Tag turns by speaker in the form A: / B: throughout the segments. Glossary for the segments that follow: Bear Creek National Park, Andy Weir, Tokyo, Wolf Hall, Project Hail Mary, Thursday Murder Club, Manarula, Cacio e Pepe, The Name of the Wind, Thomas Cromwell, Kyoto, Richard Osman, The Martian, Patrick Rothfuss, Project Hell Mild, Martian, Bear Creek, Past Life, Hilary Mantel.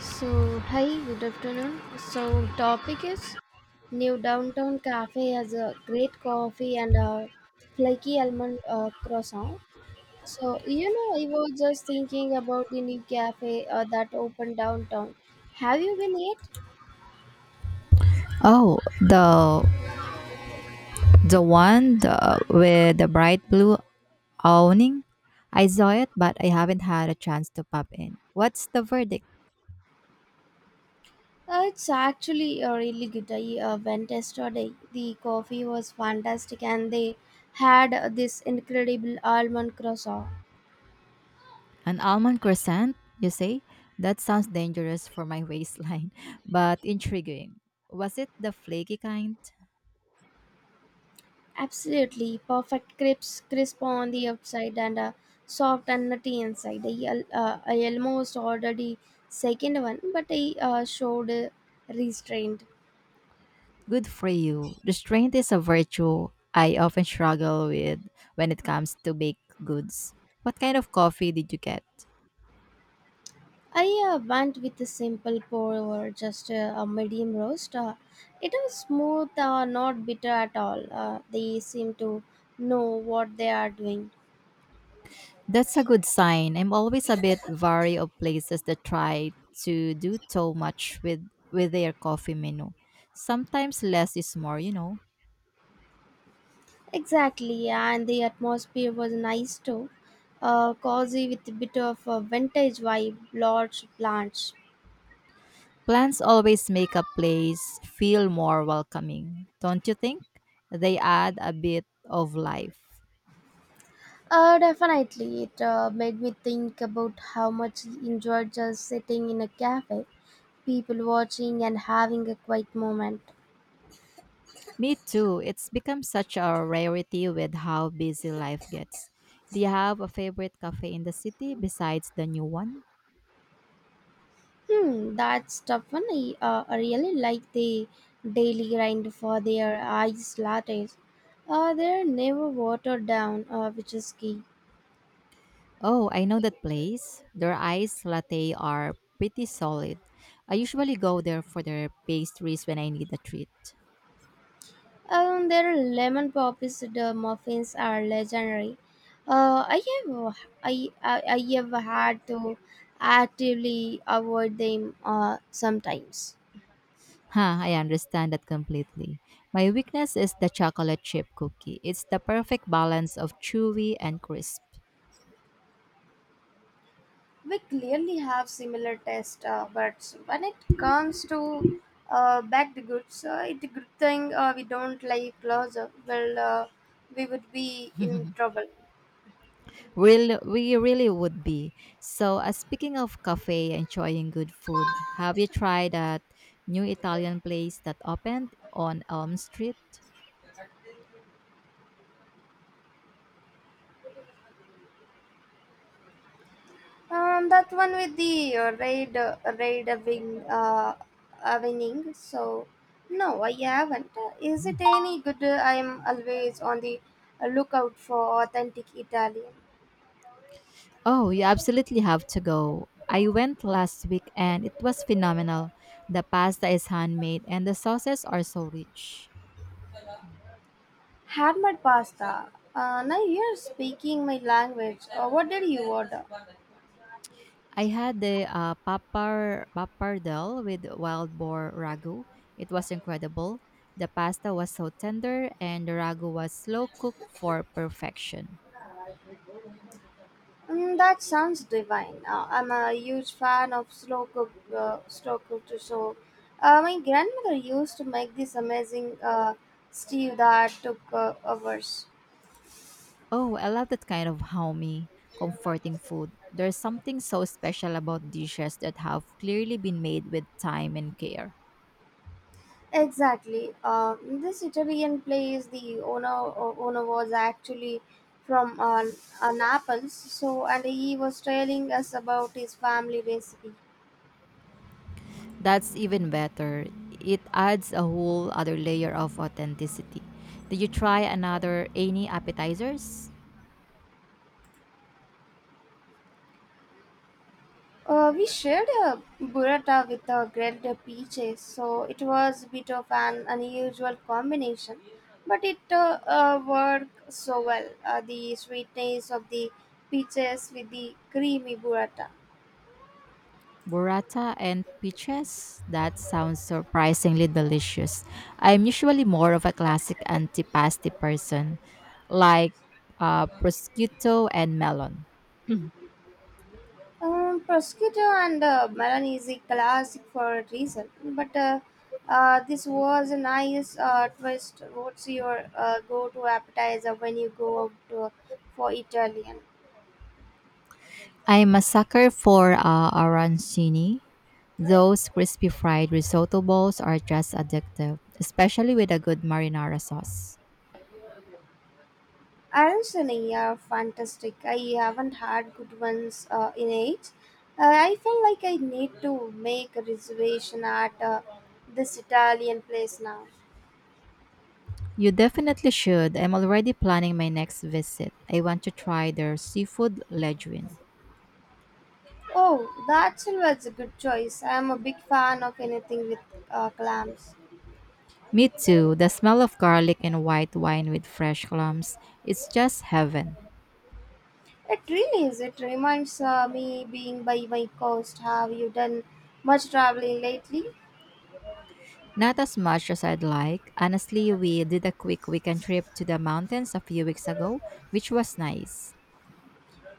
A: So, hi, good afternoon. So, topic is new downtown cafe has a great coffee and a flaky almond croissant. So, you know, I was just thinking about the new cafe that opened downtown. Have you been yet?
B: Oh, the one the, with the bright blue awning. I saw it, but I haven't had a chance to pop in. What's the verdict?
A: It's actually really good. I went yesterday. The coffee was fantastic and they had this incredible almond croissant.
B: An almond croissant, you say? That sounds dangerous for my waistline, but intriguing. Was it the flaky kind?
A: Absolutely perfect crisp on the outside and soft and nutty inside. I almost ordered the second one, but I showed restraint.
B: Good for you. Restraint is a virtue I often struggle with when it comes to baked goods. What kind of coffee did you get?
A: I went with a simple pour over just a medium roast. It was smooth, not bitter at all. They seem to know what they are doing.
B: That's a good sign. I'm always a bit wary of places that try to do too much with their coffee menu. Sometimes less is more, you know.
A: Exactly, and the atmosphere was nice too. Cozy with a bit of a vintage vibe, large plants.
B: Plants always make a place feel more welcoming, don't you think? They add a bit of life.
A: Definitely. It made me think about how much I enjoyed just sitting in a cafe, people watching, and having a quiet moment.
B: Me too. It's become such a rarity with how busy life gets. Do you have a favorite cafe in the city besides the new one?
A: Hmm, that's tough one. I really like the daily grind for their ice lattes. They're never watered down, which is key.
B: Oh, I know that place. Their iced latte are pretty solid. I usually go there for their pastries when I need a treat.
A: Their lemon poppies the muffins are legendary. Uh, I have I have had to actively avoid them sometimes.
B: Huh, I understand that completely. My weakness is the chocolate chip cookie. It's the perfect balance of chewy and crisp.
A: We clearly have similar taste, but when it comes to bagged goods, it's a good thing we don't like closer. Well, we would be in trouble.
B: Well, we really would be. So, speaking of cafe, enjoying good food, have you tried that new Italian place that opened on Elm Street?
A: That one with the raid wing winning. So no, I haven't. Is it any good? I am always on the lookout for authentic Italian.
B: Oh, you absolutely have to go. I went last week and it was phenomenal. The pasta is handmade and the sauces are so rich.
A: Had my pasta. Now you're speaking my language. What did you order?
B: I had the papar pappardelle with wild boar ragu. It was incredible. The pasta was so tender, and the ragu was slow cooked for perfection.
A: Mm, that sounds divine. I'm a huge fan of slow cooked. So, my grandmother used to make this amazing stew that took hours.
B: Oh, I love that kind of homey, comforting food. There's something so special about dishes that have clearly been made with time and care.
A: Exactly. This Italian place, the owner was actually from Naples, so and he was telling us about his family recipe.
B: That's even better. It adds a whole other layer of authenticity. Did you try another any appetizers?
A: We shared a burrata with grilled peaches, so it was a bit of an unusual combination, but it worked so well. The sweetness of the peaches with the creamy burrata.
B: Burrata and peaches? That sounds surprisingly delicious. I'm usually more of a classic antipasti person, like prosciutto and melon.
A: Prosciutto and melon is a classic for a reason, but this was a nice twist. What's your go-to appetizer when you go out to, for Italian?
B: I'm a sucker for arancini. Those crispy fried risotto bowls are just addictive, especially with a good marinara sauce.
A: Arancini are fantastic. I haven't had good ones in age. I feel like I need to make a reservation at this Italian place now.
B: You definitely should. I'm already planning my next visit. I want to try their seafood leguine.
A: Oh, that was a good choice. I'm a big fan of anything with clams.
B: Me too. The smell of garlic and white wine with fresh clams, it's just heaven.
A: It really is. It reminds me being by my coast. Have you done much traveling lately?
B: Not as much as I'd like. Honestly, we did a quick weekend trip to the mountains a few weeks ago, which was nice.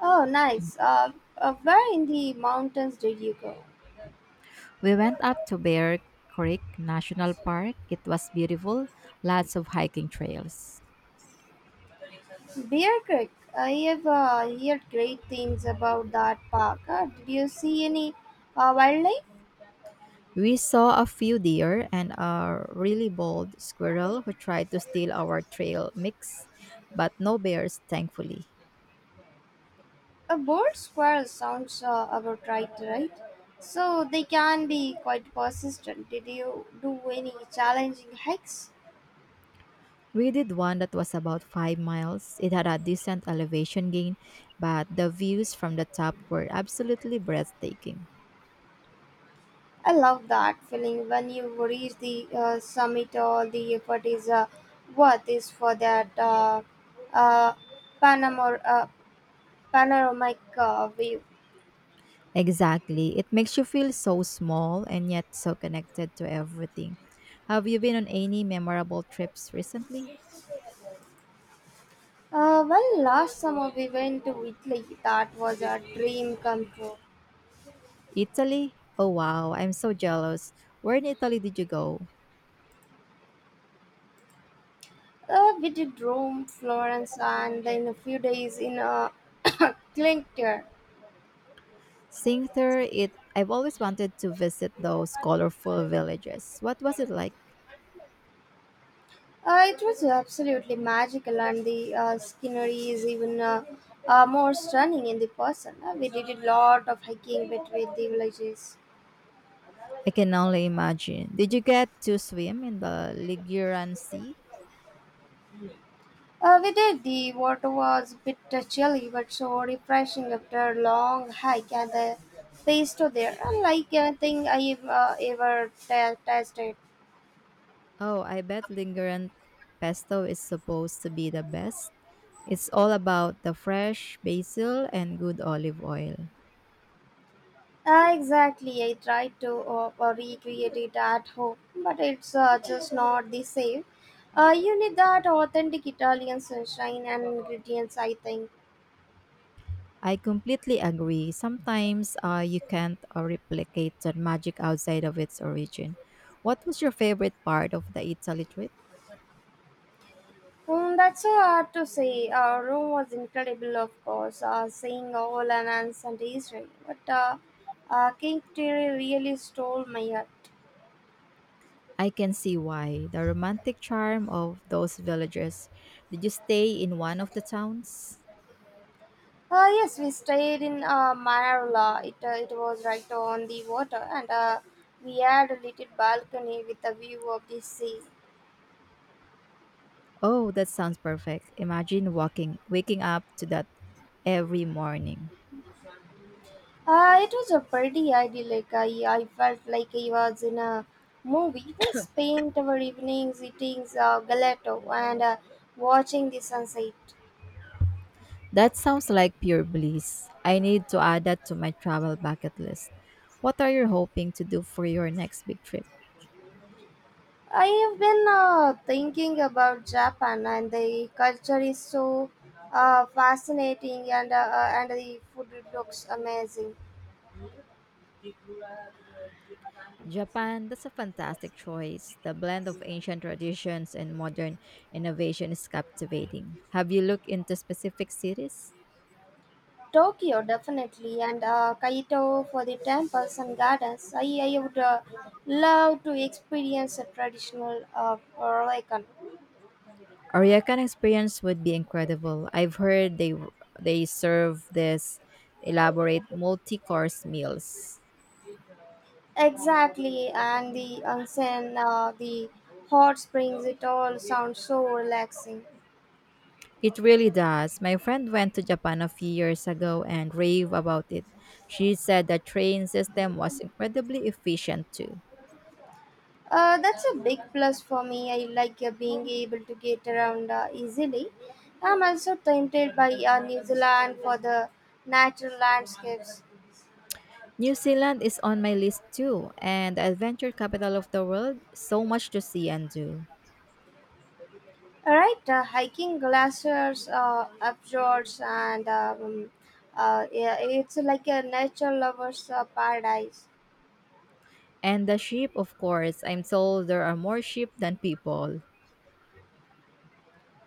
A: Oh, nice. Where in the mountains did you go?
B: We went up to Bear Creek National Park. It was beautiful, lots of hiking trails.
A: Bear Creek. I have heard great things about that park. Did you see any wildlife?
B: We saw a few deer and a really bold squirrel who tried to steal our trail mix, but no bears, thankfully.
A: A bird squirrel sounds about right, right? So they can be quite persistent. Did you do any challenging hikes?
B: We did one that was about 5 miles. It had a decent elevation gain, but the views from the top were absolutely breathtaking.
A: I love that feeling when you reach the summit, all the effort is worth is for that uh, panamor- uh, panoramic view.
B: Exactly. It makes you feel so small and yet so connected to everything. Have you been on any memorable trips recently?
A: Well, last summer we went to Italy. That was a dream come true.
B: Italy? Oh wow, I'm so jealous. Where in Italy did you go?
A: We did Rome, Florence, and in a few days in Clincture.
B: Singter, it I've always wanted to visit those colorful villages. What was it like?
A: It was absolutely magical, and the scenery is even more stunning in the person. We did a lot of hiking between the villages.
B: I can only imagine. Did you get to swim in the Liguran Sea?
A: We did. The water was a bit chilly, but so refreshing after a long hike and the pesto there, unlike anything I tasted.
B: Oh, I bet Liguran pesto is supposed to be the best. It's all about the fresh basil and good olive oil.
A: Ah, exactly. I tried to recreate it at home, but it's just not the same. You need that authentic Italian sunshine and ingredients, I think.
B: I completely agree. Sometimes you can't replicate that magic outside of its origin. What was your favorite part of the Italy trip?
A: Mm, that's so hard to say. Our room was incredible, of course, seeing all and ants and Israel. But King Terry really stole my heart.
B: I can see why. The romantic charm of those villages. Did you stay in one of the towns?
A: Yes, we stayed in Manarula. It was right on the water, and we had a little balcony with a view of the sea.
B: Oh, that sounds perfect. Imagine walking, waking up to that every morning.
A: It was a pretty idyllic. I felt like I was in a movie. We spent our evenings eating gelato and watching the sunset.
B: That sounds like pure bliss. I need to add that to my travel bucket list. What are you hoping to do for your next big trip?
A: I have been thinking about Japan and the culture is so fascinating and the food looks amazing.
B: Japan, that's a fantastic choice. The blend of ancient traditions and modern innovation is captivating. Have you looked into specific cities?
A: Tokyo definitely and Kaito for the temples and gardens. I would love to experience a traditional Royal.
B: Ariakan experience would be incredible. I've heard they serve this elaborate multi-course meals.
A: Exactly, and the onsen, the hot springs, it all sounds so relaxing.
B: It really does. My friend went to Japan a few years ago and raved about it. She said the train system was incredibly efficient too.
A: That's a big plus for me. I like being able to get around easily. I'm also tempted by New Zealand for the natural landscapes.
B: New Zealand is on my list too, and the adventure capital of the world, so much to see and do.
A: All right, hiking glaciers, fjords, and yeah, it's like a nature lover's paradise.
B: And the sheep, of course. I'm told there are more sheep than people.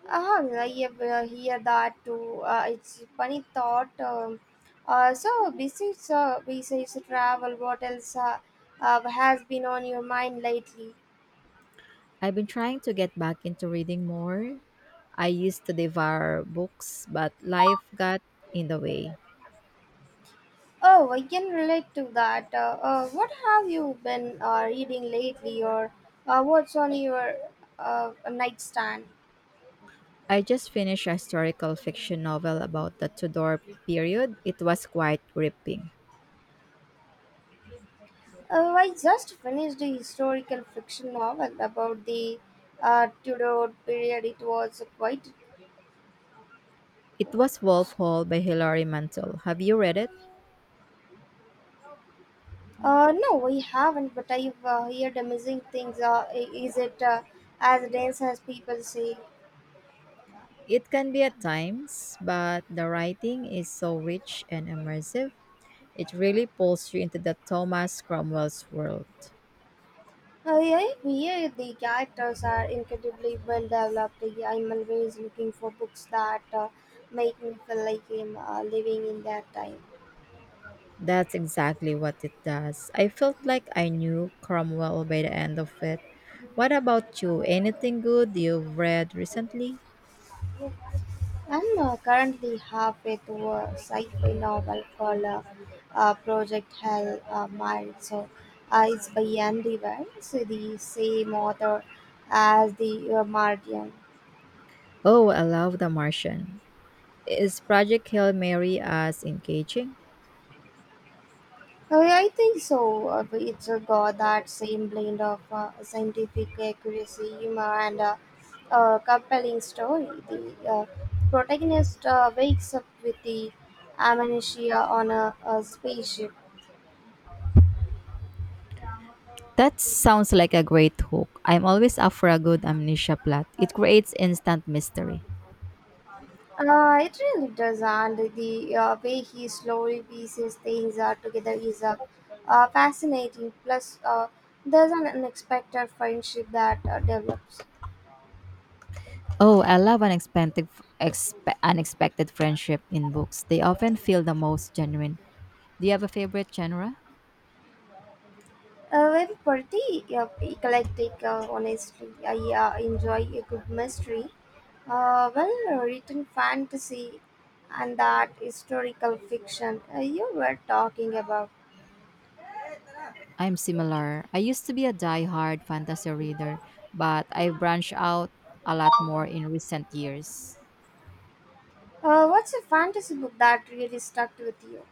A: Uh-huh, I have hear that too. It's funny thought. So besides besides travel, what else has been on your mind lately?
B: I've been trying to get back into reading more. I used to devour books, but life got in the way.
A: Oh, I can relate to that. What have you been reading lately, or what's on your nightstand?
B: I just finished a historical fiction novel about the Tudor period. It was quite gripping.
A: I just finished a historical fiction novel about the Tudor period. It was quite.
B: It was Wolf Hall by Hilary Mantel. Have you read it?
A: No, we haven't, but I've heard amazing things. Is it as dense as people say?
B: It can be at times, but the writing is so rich and immersive. It really pulls you into the Thomas Cromwell's world.
A: Yeah, the characters are incredibly well developed. Yeah, I'm always looking for books that make me feel like I'm living in that time.
B: That's exactly what it does. I felt like I knew Cromwell by the end of it. What about you? Anything good you've read recently?
A: I'm currently halfway through a sci-fi novel called Project Hell Mild. So it's by Andy Weir, so the same author as the Martian.
B: Oh, I love The Martian. Is Project Hail Mary as engaging?
A: Yeah, I think so. But it's got that same blend of scientific accuracy, humor, and a compelling story. The protagonist wakes up with the amnesia on a spaceship.
B: That sounds like a great hook. I'm always up for a good amnesia plot. It creates instant mystery.
A: It really does, and the way he slowly pieces things together is fascinating. Plus, there's an unexpected friendship that develops.
B: Oh, I love unexpected friendship in books. They often feel the most genuine. Do you have a favorite genre?
A: Very pretty, eclectic, honestly. I enjoy a good mystery, well written fantasy, and that historical fiction you were talking about.
B: I'm similar. I used to be a die-hard fantasy reader, but I've branched out a lot more in recent years.
A: What's a fantasy book that really stuck with you?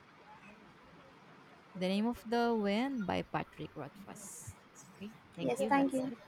B: The Name of the Wind by Patrick Rothfuss. Okay, thank
A: Yes,
B: you.
A: thank
B: That's
A: you.
B: it.